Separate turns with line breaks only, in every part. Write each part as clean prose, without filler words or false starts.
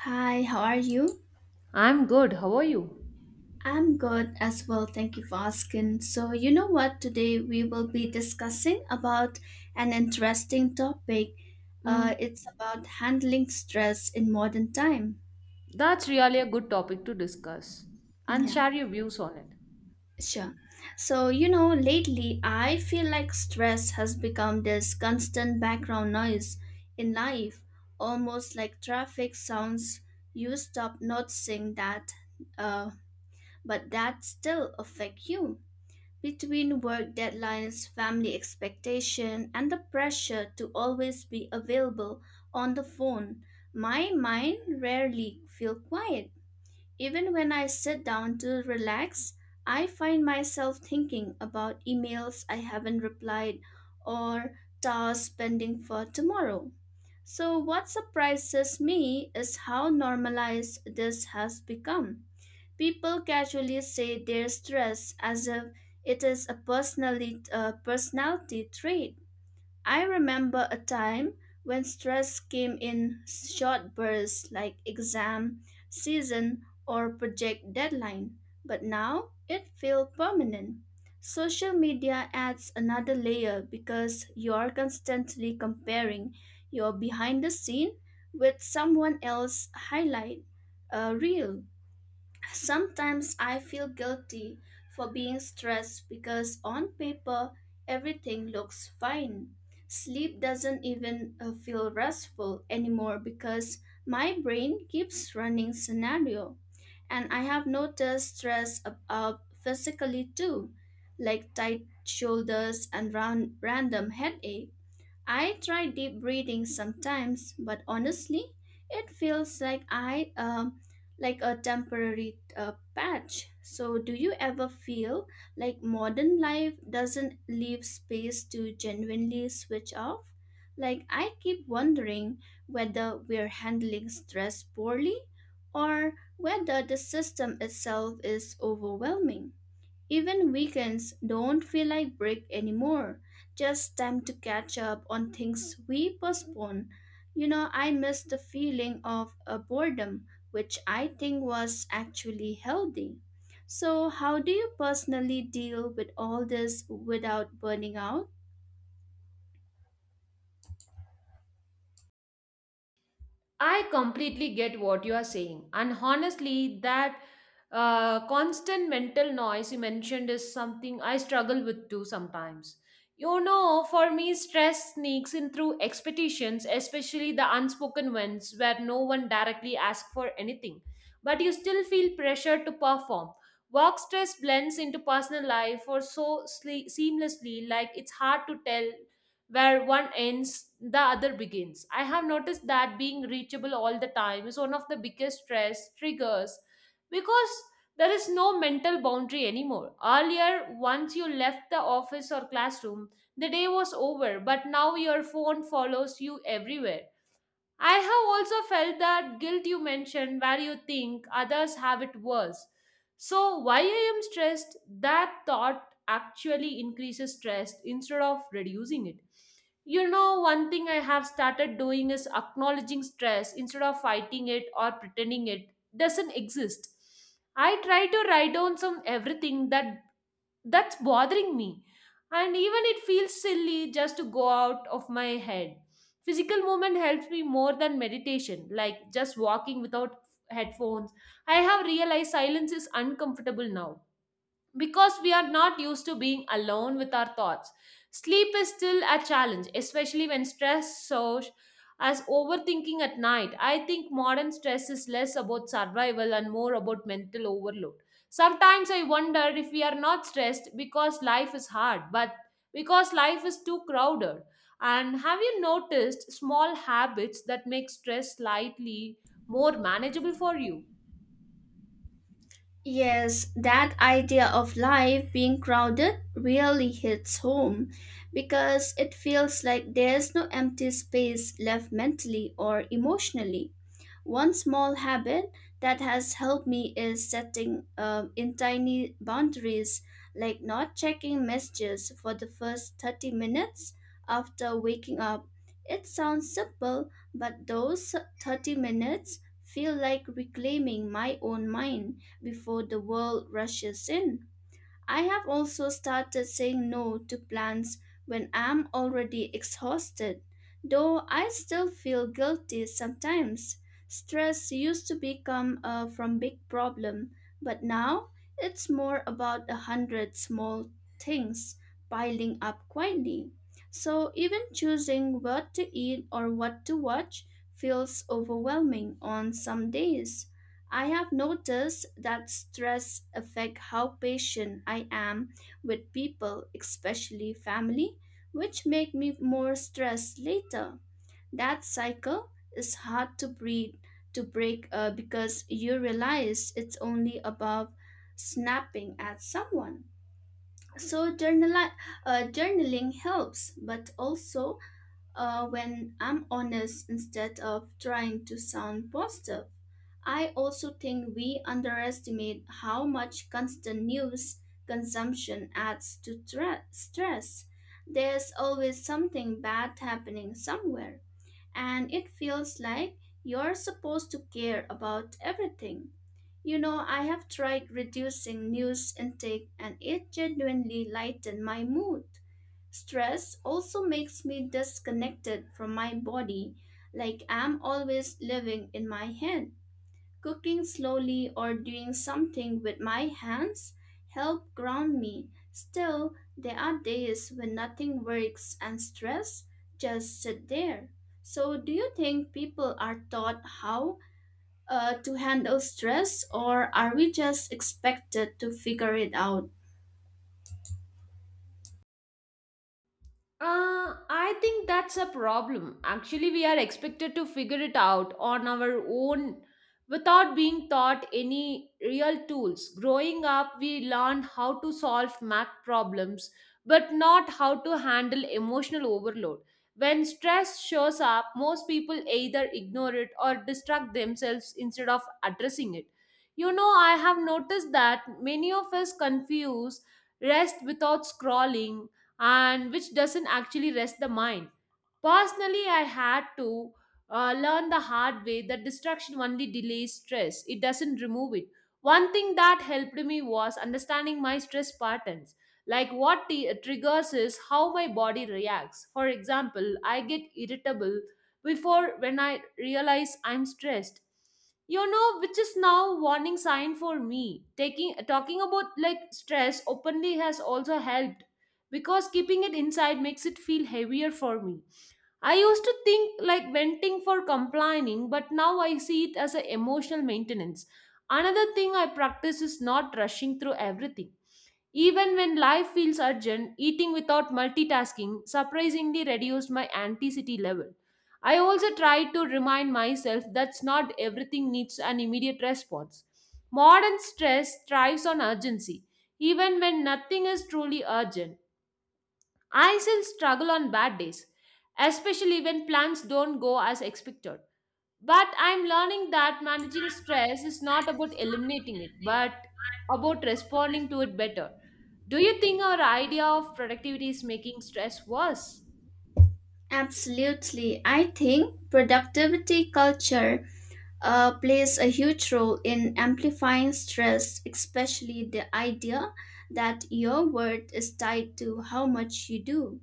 Hi, how are you?
I'm good. How are you?
I'm good as well. Thank you for asking. So, you know what? Today we will be discussing about an interesting topic. Uh,
Mm,
it's about handling stress in modern time.
that's really a good topic to discuss and
Yeah,
share your views on it.
sure. So, you know, lately I feel like stress has become this constant background noise in life, almost like traffic sounds. You stop noticing that, uh, but that still affect you. Between work deadlines, family expectation, and the pressure to always be available on the phone, my mind rarely feels quiet. Even when I sit down to relax, I find myself thinking about emails I haven't replied or tasks pending for tomorrow. So, what surprises me is how normalized this has become. People casually say they're stressed as if it is a personality trait. I remember a time when stress came in short bursts like exam season or project deadline, but now it feels permanent. Social media adds another layer because you are constantly comparing your behind the scene with someone else's highlight reel. Sometimes I feel guilty for being stressed because on paper everything looks fine. Sleep doesn't even feel restful anymore because my brain keeps running scenario. And I have noticed stress up physically too, like tight shoulders and random headache. I try deep breathing sometimes, but honestly, it feels like I, like a temporary patch. So, do you ever feel like modern life doesn't leave space to genuinely switch off? Like I keep wondering whether we're handling stress poorly or whether the system itself is overwhelming. Even weekends don't feel like break anymore, just time to catch up on things we postpone. You know, I miss the feeling of a boredom, which I think was actually healthy. So, how do you personally deal with all this without burning out?
I completely get what you are saying. And honestly, that constant mental noise you mentioned is something I struggle with too sometimes. You know, for me, stress sneaks in through expectations, especially the unspoken ones where no one directly asks for anything. But you still feel pressure to perform. Work stress blends into personal life or so seamlessly, like it's hard to tell where one ends, the other begins. I have noticed that being reachable all the time is one of the biggest stress triggers because there is no mental boundary anymore. Earlier, once you left the office or classroom, the day was over, but now your phone follows you everywhere. I have also felt that guilt you mentioned where you think others have it worse. So, why I am stressed, that thought actually increases stress instead of reducing it. You know, one thing I have started doing is acknowledging stress instead of fighting it or pretending it doesn't exist. I try to write down some everything that that's bothering me, and even it feels silly just to go out of my head. Physical movement helps me more than meditation, like just walking without headphones. I have realized silence is uncomfortable now because we are not used to being alone with our thoughts. Sleep is still a challenge, especially when stress shows as overthinking at night. I think modern stress is less about survival and more about mental overload. Sometimes I wonder if we are not stressed because life is hard, but because life is too crowded. And have you noticed small habits that make stress slightly more manageable for you?
Yes, that idea of life being crowded really hits home because it feels like there's no empty space left mentally or emotionally. One small habit that has helped me is setting in tiny boundaries, like not checking messages for the first 30 minutes after waking up. It sounds simple, but those 30 minutes feel like reclaiming my own mind before the world rushes in. I have also started saying no to plans when I'm already exhausted, though I still feel guilty sometimes. Stress used to become a from big problem, but now it's more about a hundred small things piling up quietly. So even choosing what to eat or what to watch feels overwhelming on some days. I have noticed that stress affect how patient I am with people, especially family, which make me more stressed later. That cycle is hard to breathe to break because you realize it's only about snapping at someone. So journaling helps, but also when I'm honest instead of trying to sound positive. I also think we underestimate how much constant news consumption adds to stress. There's always something bad happening somewhere, and it feels like you're supposed to care about everything. You know, I have tried reducing news intake and it genuinely lightened my mood. Stress also makes me disconnected from my body, like I'm always living in my head. Cooking slowly or doing something with my hands help ground me. Still, there are days when nothing works and stress just sit there. So, do you think people are taught how to handle stress, or are we just expected to figure it out?
I think that's a problem. Actually, we are expected to figure it out on our own without being taught any real tools. Growing up, we learn how to solve math problems, but not how to handle emotional overload. When stress shows up, most people either ignore it or distract themselves instead of addressing it. You know, I have noticed that many of us confuse rest without scrolling and which doesn't actually rest the mind. Personally, I had to learn the hard way that distraction only delays stress, it doesn't remove it. One thing that helped me was understanding my stress patterns. Like what triggers is how my body reacts. For example, I get irritable before when I realize I'm stressed, you know, which is now warning sign for me taking talking about like stress openly has also helped because keeping it inside makes it feel heavier for me. I used to think like venting for complaining, but now I see it as an emotional maintenance. Another thing I practice is not rushing through everything. Even when life feels urgent, eating without multitasking surprisingly reduced my anxiety level. I also try to remind myself that not everything needs an immediate response. Modern stress thrives on urgency, even when nothing is truly urgent. I still struggle on bad days, especially when plans don't go as expected. But I'm learning that managing stress is not about eliminating it, but about responding to it better. Do you think our idea of productivity is making stress worse?
Absolutely. I think productivity culture plays a huge role in amplifying stress, especially the idea that your worth is tied to how much you do.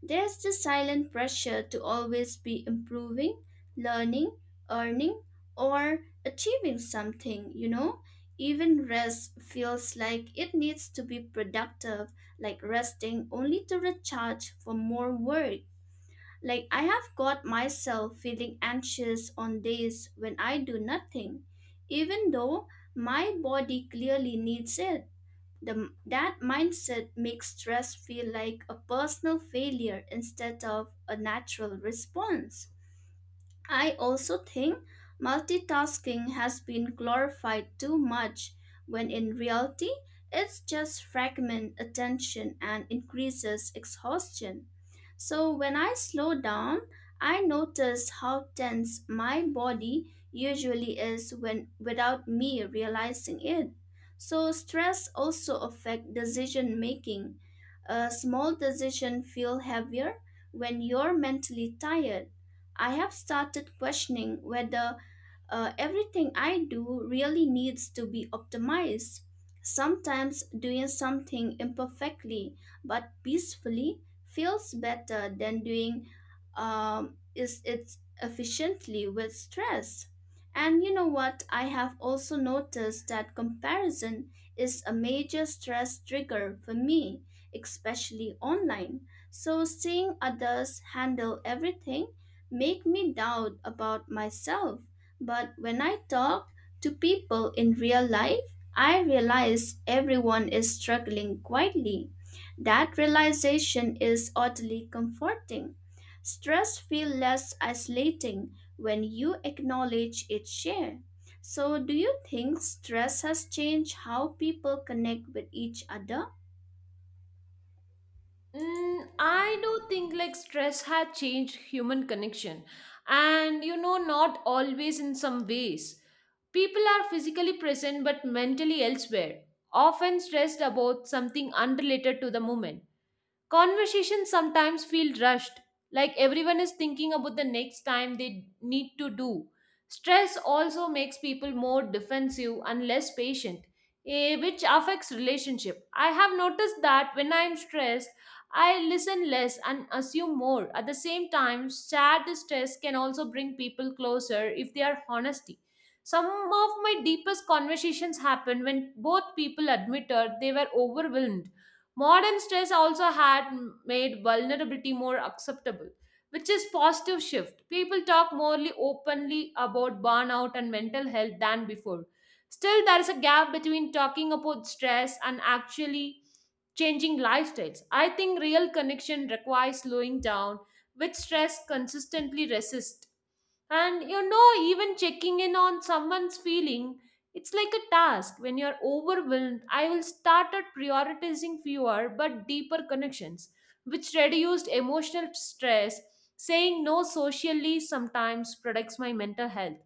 There's the silent pressure to always be improving, learning, earning, or achieving something, you know? Even rest feels like it needs to be productive, like resting only to recharge for more work. Like, I have got myself feeling anxious on days when I do nothing, even though my body clearly needs it. That mindset makes stress feel like a personal failure instead of a natural response. I also think multitasking has been glorified too much when in reality, it's just fragment attention and increases exhaustion. So when I slow down, I notice how tense my body usually is when without me realizing it. So stress also affect decision making. A small decision feel heavier when you're mentally tired. I have started questioning whether everything I do really needs to be optimized. Sometimes doing something imperfectly but peacefully feels better than doing is it efficiently with stress. And you know what? I have also noticed that comparison is a major stress trigger for me, especially online. So seeing others handle everything make me doubt about myself. But when I talk to people in real life, I realize everyone is struggling quietly. That realization is oddly comforting. Stress feels less isolating when you acknowledge its share. So, do you think stress has changed how people connect with each other?
Mm, I do think like stress had changed human connection, and you know, not always in some ways. People are physically present but mentally elsewhere, often stressed about something unrelated to the moment. Conversations sometimes feel rushed, like everyone is thinking about the next time they need to do. Stress also makes people more defensive and less patient, which affects relationship. I have noticed that when I am stressed, I listen less and assume more. At the same time, sad stress can also bring people closer if they are honesty. Some of my deepest conversations happen when both people admitted they were overwhelmed. Modern stress also had made vulnerability more acceptable, which is positive shift. People talk more openly about burnout and mental health than before. Still, there is a gap between talking about stress and actually changing lifestyles. I think real connection requires slowing down, which stress consistently resists. And you know, even checking in on someone's feeling, it's like a task. When you're overwhelmed, I will start at prioritizing fewer but deeper connections, which reduced emotional stress. Saying no socially sometimes protects my mental health.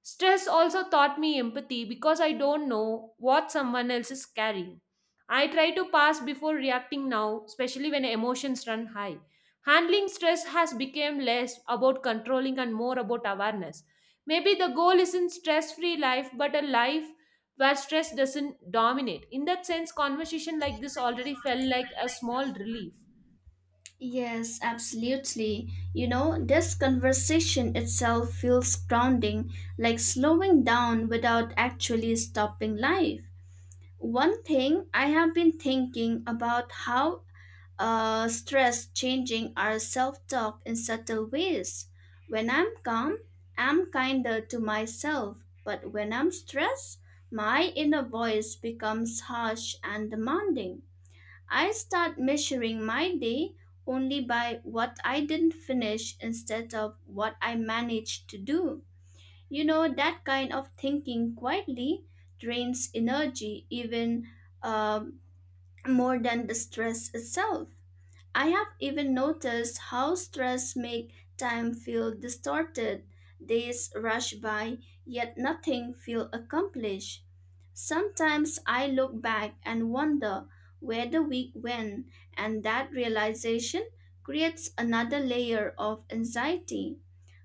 Stress also taught me empathy because I don't know what someone else is carrying. I try to pass before reacting now, especially when emotions run high. Handling stress has become less about controlling and more about awareness. Maybe the goal isn't stress free life, but a life where stress doesn't dominate. In that sense, conversation like this already felt like a small relief.
Yes, absolutely. You know, this conversation itself feels grounding, like slowing down without actually stopping life. One thing I have been thinking about how stress changing our self-talk in subtle ways. When I'm calm, I'm kinder to myself, but when I'm stressed, my inner voice becomes harsh and demanding. I start measuring my day only by what I didn't finish instead of what I managed to do. You know, that kind of thinking quietly drains energy even um, more than the stress itself. I have even noticed how stress make time feel distorted. Days rush by, yet nothing feel accomplished. Sometimes I look back and wonder where the week went, and that realization creates another layer of anxiety.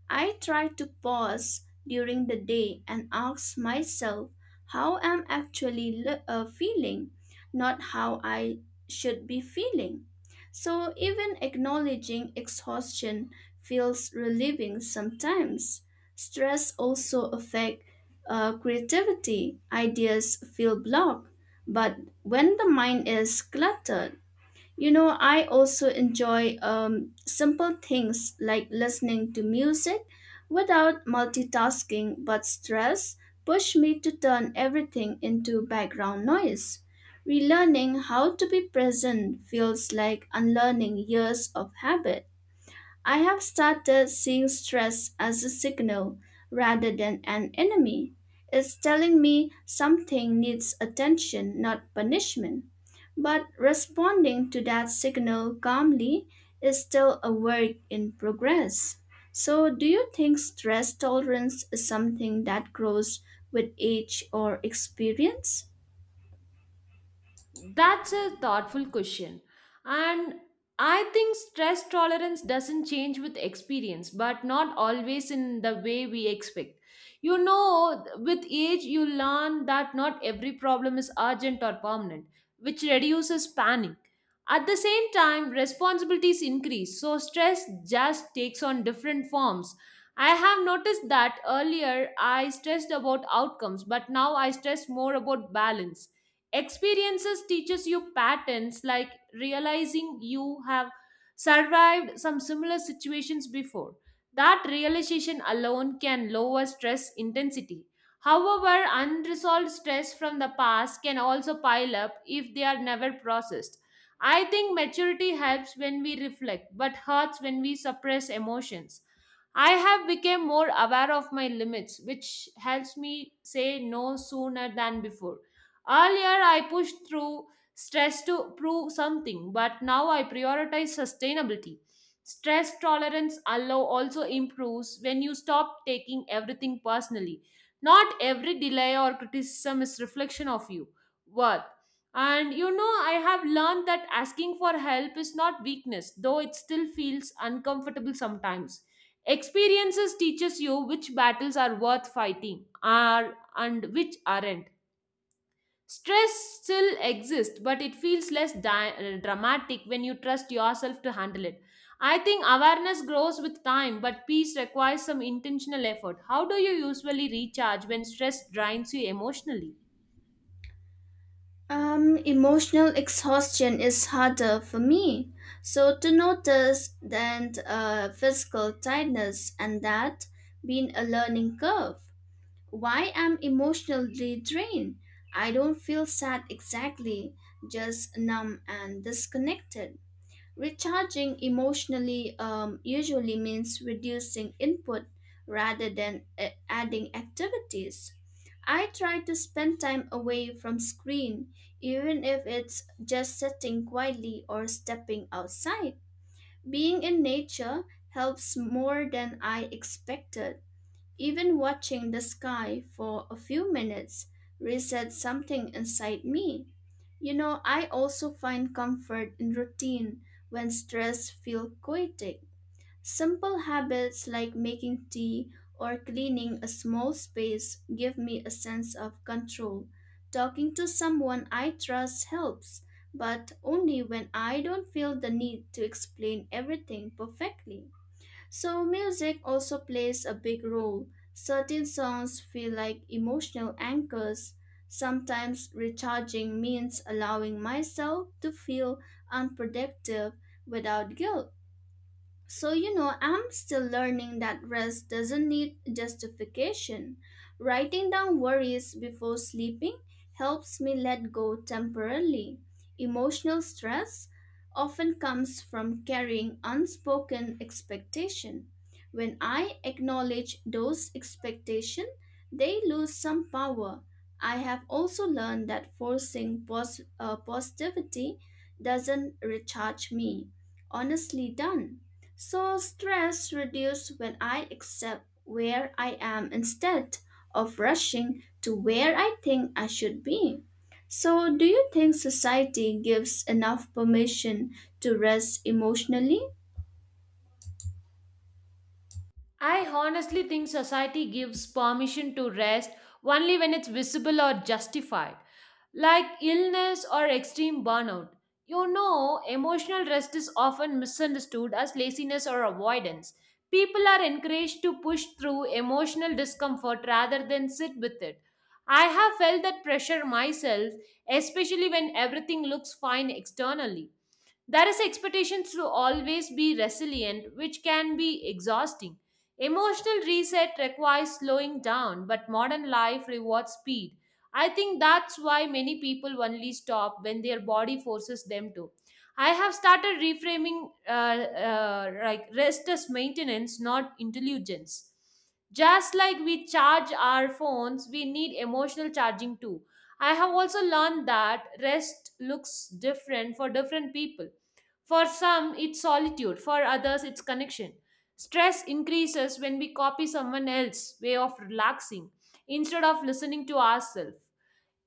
I try to pause during the day and ask myself how I'm actually feeling, not how I should be feeling. So even acknowledging exhaustion feels relieving sometimes. Stress also affect creativity. Ideas feel blocked, but when the mind is cluttered, you know, I also enjoy simple things like listening to music without multitasking, but stress pushed me to turn everything into background noise. Relearning how to be present feels like unlearning years of habit. I have started seeing stress as a signal rather than an enemy. It's telling me something needs attention, not punishment. But responding to that signal calmly is still a work in progress. So, do you think stress tolerance is something that grows with age or experience?
That's a thoughtful question. And I think stress tolerance doesn't change with experience, but not always in the way we expect. You know, with age, you learn that not every problem is urgent or permanent, which reduces panic. At the same time, responsibilities increase, so stress just takes on different forms. I have noticed that earlier I stressed about outcomes, but now I stress more about balance. Experiences teaches you patterns, like realizing you have survived some similar situations before. That realization alone can lower stress intensity. However, unresolved stress from the past can also pile up if they are never processed. I think maturity helps when we reflect but hurts when we suppress emotions. I have become more aware of my limits, which helps me say no sooner than before. Earlier, I pushed through stress to prove something, but now I prioritize sustainability. Stress tolerance allow also improves when you stop taking everything personally. Not every delay or criticism is reflection of you worth. And you know, I have learned that asking for help is not weakness, though it still feels uncomfortable sometimes. Experiences teaches you which battles are worth fighting are and which aren't. Stress still exists, but it feels less dramatic when you trust yourself to handle it. I think awareness grows with time, but peace requires some intentional effort. How do you usually recharge when stress drains you emotionally?
Emotional exhaustion is harder for me. So to notice than physical tiredness and that being a learning curve. Why I'm emotionally drained? I don't feel sad exactly, just numb and disconnected. Recharging emotionally usually means reducing input rather than adding activities. I try to spend time away from screen, even if it's just sitting quietly or stepping outside. Being in nature helps more than I expected. Even watching the sky for a few minutes resets something inside me. You know, I also find comfort in routine when stress feels chaotic. Simple habits like making tea or cleaning a small space give me a sense of control. Talking to someone I trust helps, but only when I don't feel the need to explain everything perfectly. So, music also plays a big role. Certain songs feel like emotional anchors. Sometimes recharging means allowing myself to feel unproductive without guilt. So, you know, I'm still learning that rest doesn't need justification. Writing down worries before sleeping helps me let go temporarily. Emotional stress often comes from carrying unspoken expectation. When I acknowledge those expectations, they lose some power. I have also learned that forcing positivity doesn't recharge me. Honestly done. So stress reduces when I accept where I am instead of rushing to where I think I should be. So do you think society gives enough permission to rest emotionally?
I honestly think society gives permission to rest only when it's visible or justified, like illness or extreme burnout. You know, emotional rest is often misunderstood as laziness or avoidance. People are encouraged to push through emotional discomfort rather than sit with it. I have felt that pressure myself, especially when everything looks fine externally. There is expectations to always be resilient, which can be exhausting. Emotional reset requires slowing down, but modern life rewards speed. I think that's why many people only stop when their body forces them to. I have started reframing like rest as maintenance, not intelligence. Just like we charge our phones, we need emotional charging too. I have also learned that rest looks different for different people. For some, it's solitude, for others, it's connection. Stress increases when we copy someone else's way of relaxing instead of listening to ourselves.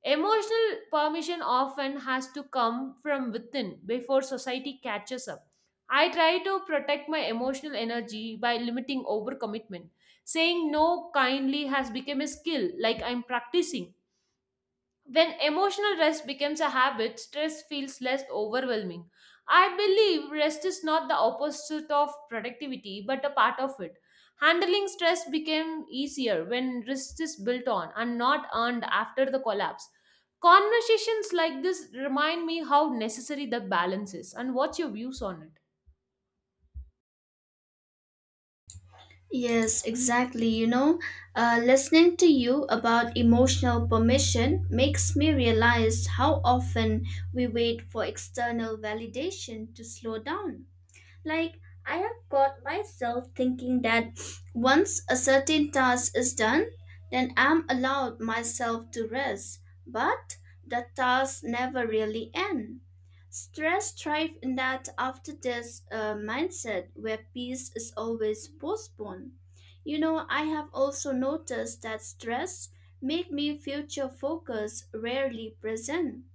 Emotional permission often has to come from within before society catches up. I try to protect my emotional energy by limiting overcommitment. Saying no kindly has become a skill, like I'm practicing. When emotional rest becomes a habit, stress feels less overwhelming. I believe rest is not the opposite of productivity, but a part of it. Handling stress became easier when rest is built on and not earned after the collapse. Conversations like this remind me how necessary the balance is, and what's your views on it?
Yes, exactly. You know, listening to you about emotional permission makes me realize how often we wait for external validation to slow down. Like, I have caught myself thinking that once a certain task is done, then I'm allowed myself to rest. But the tasks never really end. Stress thrives in that after this mindset where peace is always postponed. You know, I have also noticed that stress make me future focus rarely present.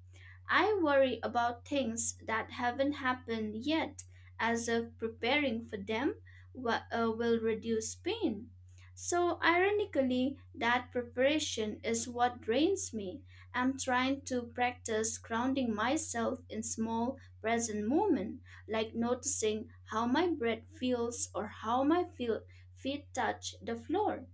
I worry about things that haven't happened yet, as if preparing for them will reduce pain. So, ironically, that preparation is what drains me. I'm trying to practice grounding myself in small, present moment, like noticing how my breath feels or how my feet touch the floor.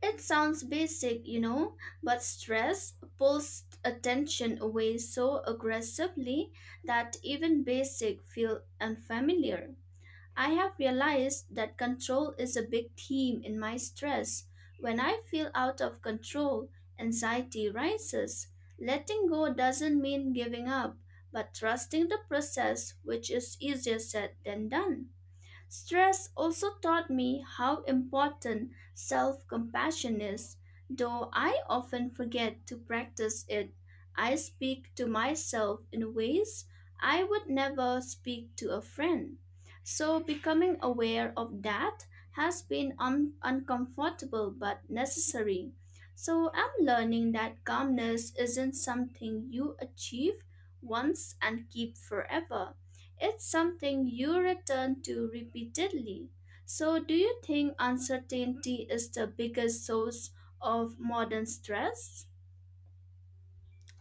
It sounds basic, you know, but stress pulls attention away so aggressively that even basic feel unfamiliar. I have realized that control is a big theme in my stress. When I feel out of control, anxiety rises. Letting go doesn't mean giving up, but trusting the process, which is easier said than done. Stress also taught me how important self compassion is, though I often forget to practice it. I speak to myself in ways I would never speak to a friend. So, becoming aware of that has been uncomfortable but necessary. So, I'm learning that calmness isn't something you achieve once and keep forever. It's something you return to repeatedly. So, do you think uncertainty is the biggest source of modern stress?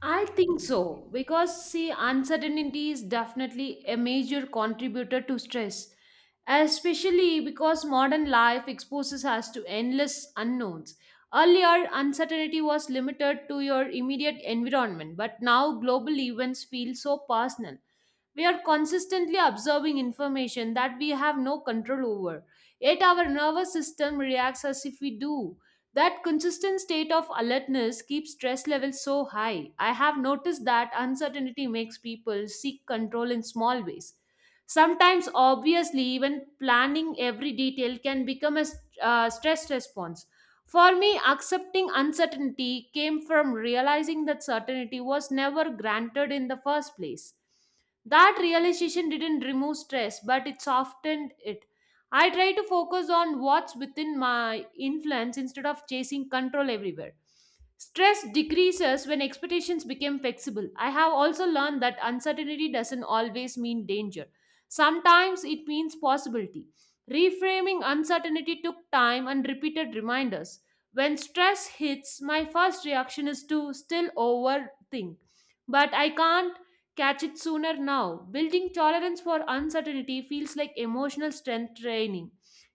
I think so because see, uncertainty is definitely a major contributor to stress, especially because modern life exposes us to endless unknowns. Earlier, uncertainty was limited to your immediate environment, but now global events feel so personal. We are consistently absorbing information that we have no control over, yet, our nervous system reacts as if we do. That consistent state of alertness keeps stress levels so high. I have noticed that uncertainty makes people seek control in small ways. Sometimes, obviously, even planning every detail can become a stress response. For me, accepting uncertainty came from realizing that certainty was never granted in the first place. That realization didn't remove stress, but it softened it. I try to focus on what's within my influence instead of chasing control everywhere. Stress decreases when expectations become flexible. I have also learned that uncertainty doesn't always mean danger, sometimes it means possibility. Reframing uncertainty took time and repeated reminders. When stress hits, my first reaction is to still overthink. But I can't catch it sooner now. Building tolerance for uncertainty feels like emotional strength training.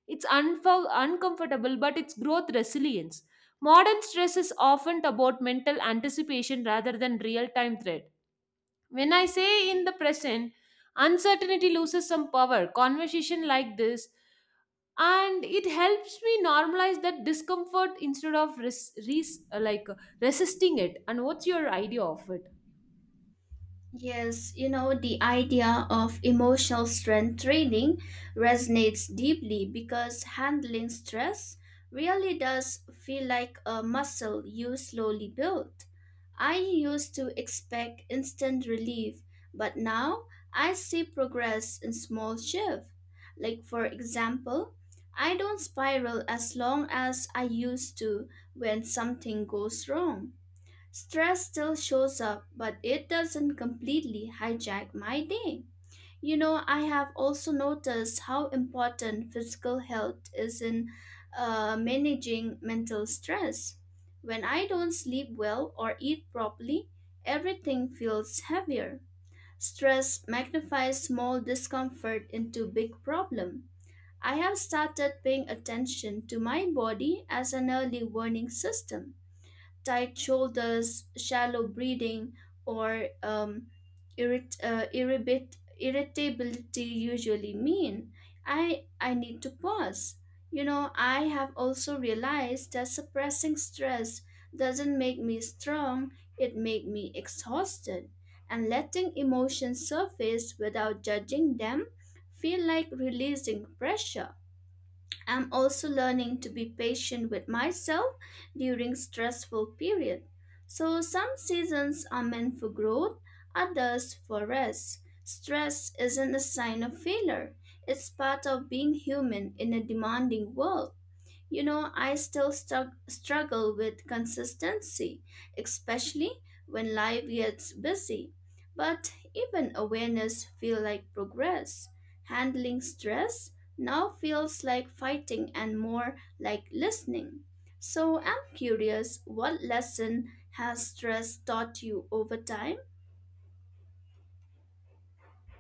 It's uncomfortable, but it's growth resilience. Modern stress is often about mental anticipation rather than real time threat. When I say in the present, uncertainty loses some power. Conversation like this and it helps me normalize that discomfort instead of resisting it, and what's your idea of it?
Yes, you know, the idea of emotional strength training resonates deeply because handling stress really does feel like a muscle you slowly build. I used to expect instant relief, but now I see progress in small shifts. Like, for example, I don't spiral as long as I used to when something goes wrong. Stress still shows up, but it doesn't completely hijack my day. You know, I have also noticed how important physical health is in, managing mental stress. When I don't sleep well or eat properly, everything feels heavier. Stress magnifies small discomfort into big problem. I have started paying attention to my body as an early warning system: tight shoulders, shallow breathing, or irritability usually mean? I need to pause. You know, I have also realized that suppressing stress doesn't make me strong, it makes me exhausted. And letting emotions surface without judging them feel like releasing pressure. I'm also learning to be patient with myself during stressful period. So some seasons are meant for growth, others for rest. Stress isn't a sign of failure. It's part of being human in a demanding world. You know, I still struggle with consistency, especially when life gets busy. But even awareness feel like progress. Handling stress now feels like fighting and more like listening. So I'm curious, what lesson has stress taught you over time?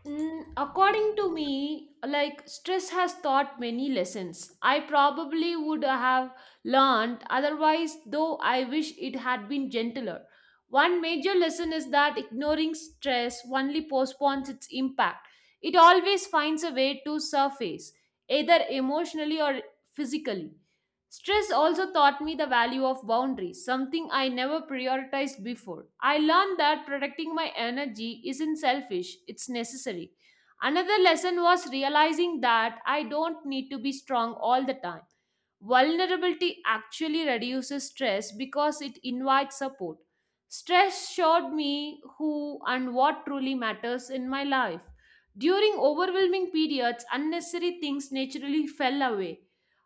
Mm, according to me, like stress has taught many lessons. I probably would have learned otherwise, though I wish it had been gentler. One major lesson is that ignoring stress only postpones its impact. It always finds a way to surface, either emotionally or physically. Stress also taught me the value of boundaries, something I never prioritized before. I learned that protecting my energy isn't selfish, it's necessary. Another lesson was realizing that I don't need to be strong all the time. Vulnerability actually reduces stress because it invites support. Stress showed me who and what truly matters in my life. During overwhelming periods, unnecessary things naturally fell away.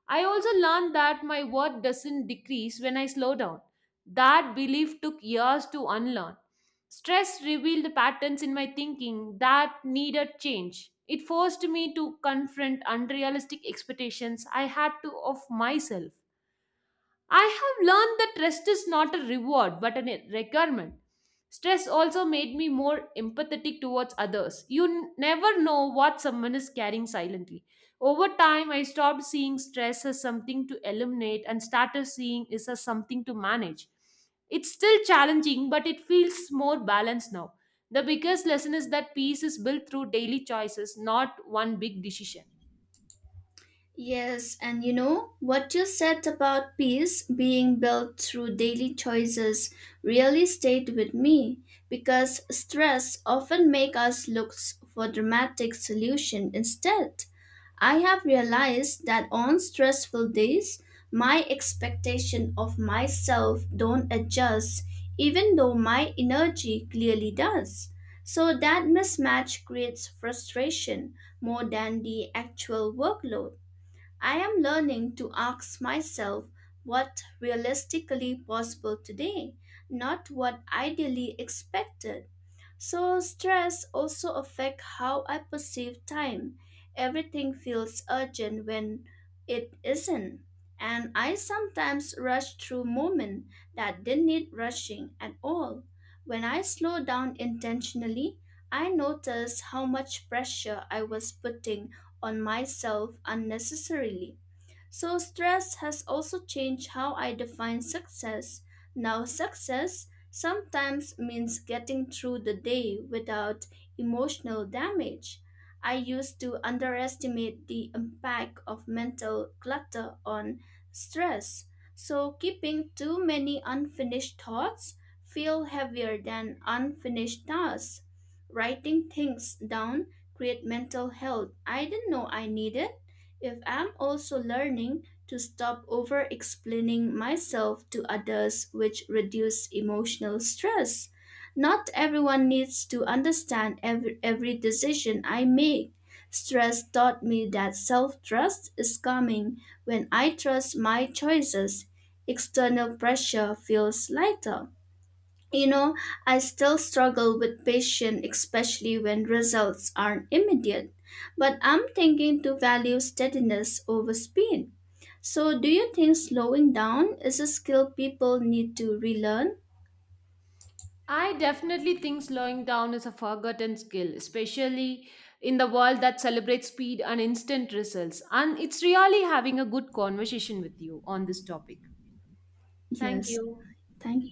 I also learned that my worth doesn't decrease when I slow down. That belief took years to unlearn. Stress revealed patterns in my thinking that needed change. It forced me to confront unrealistic expectations I had to of myself. I have learned that rest is not a reward but a requirement. Stress also made me more empathetic towards others. You never know what someone is carrying silently. Over time, I stopped seeing stress as something to eliminate and started seeing it as something to manage. It's still challenging, but it feels more balanced now. The biggest lesson is that peace is built through daily choices, not one big decision.
Yes, and you know what you said about peace being built through daily choices really stayed with me because stress often make us look for dramatic solution instead. I have realized that on stressful days, my expectation of myself don't adjust even though my energy clearly does. So that mismatch creates frustration more than the actual workload. I am learning to ask myself what realistically possible today, not what ideally expected. So stress also affect how I perceive time. Everything feels urgent when it isn't. And I sometimes rush through moments that didn't need rushing at all. When I slow down intentionally, I notice how much pressure I was putting on myself unnecessarily. So, stress has also changed how I define success. Now, success sometimes means getting through the day without emotional damage. I used to underestimate the impact of mental clutter on stress. So, keeping too many unfinished thoughts feel heavier than unfinished tasks. Writing things down create mental health I didn't know I needed if I'm also learning to stop over explaining myself to others, which reduce emotional stress. Not everyone needs to understand every decision I make. Stress taught me that self trust is coming when I trust my choices. External pressure feels lighter. You know, I still struggle with patience, especially when results aren't immediate, but I'm thinking to value steadiness over speed. So, do you think slowing down is a skill people need to relearn?
I definitely think slowing down is a forgotten skill, especially in the world that celebrates speed and instant results. And it's really having a good conversation with you on this topic. Thank
Yes,
you.
thank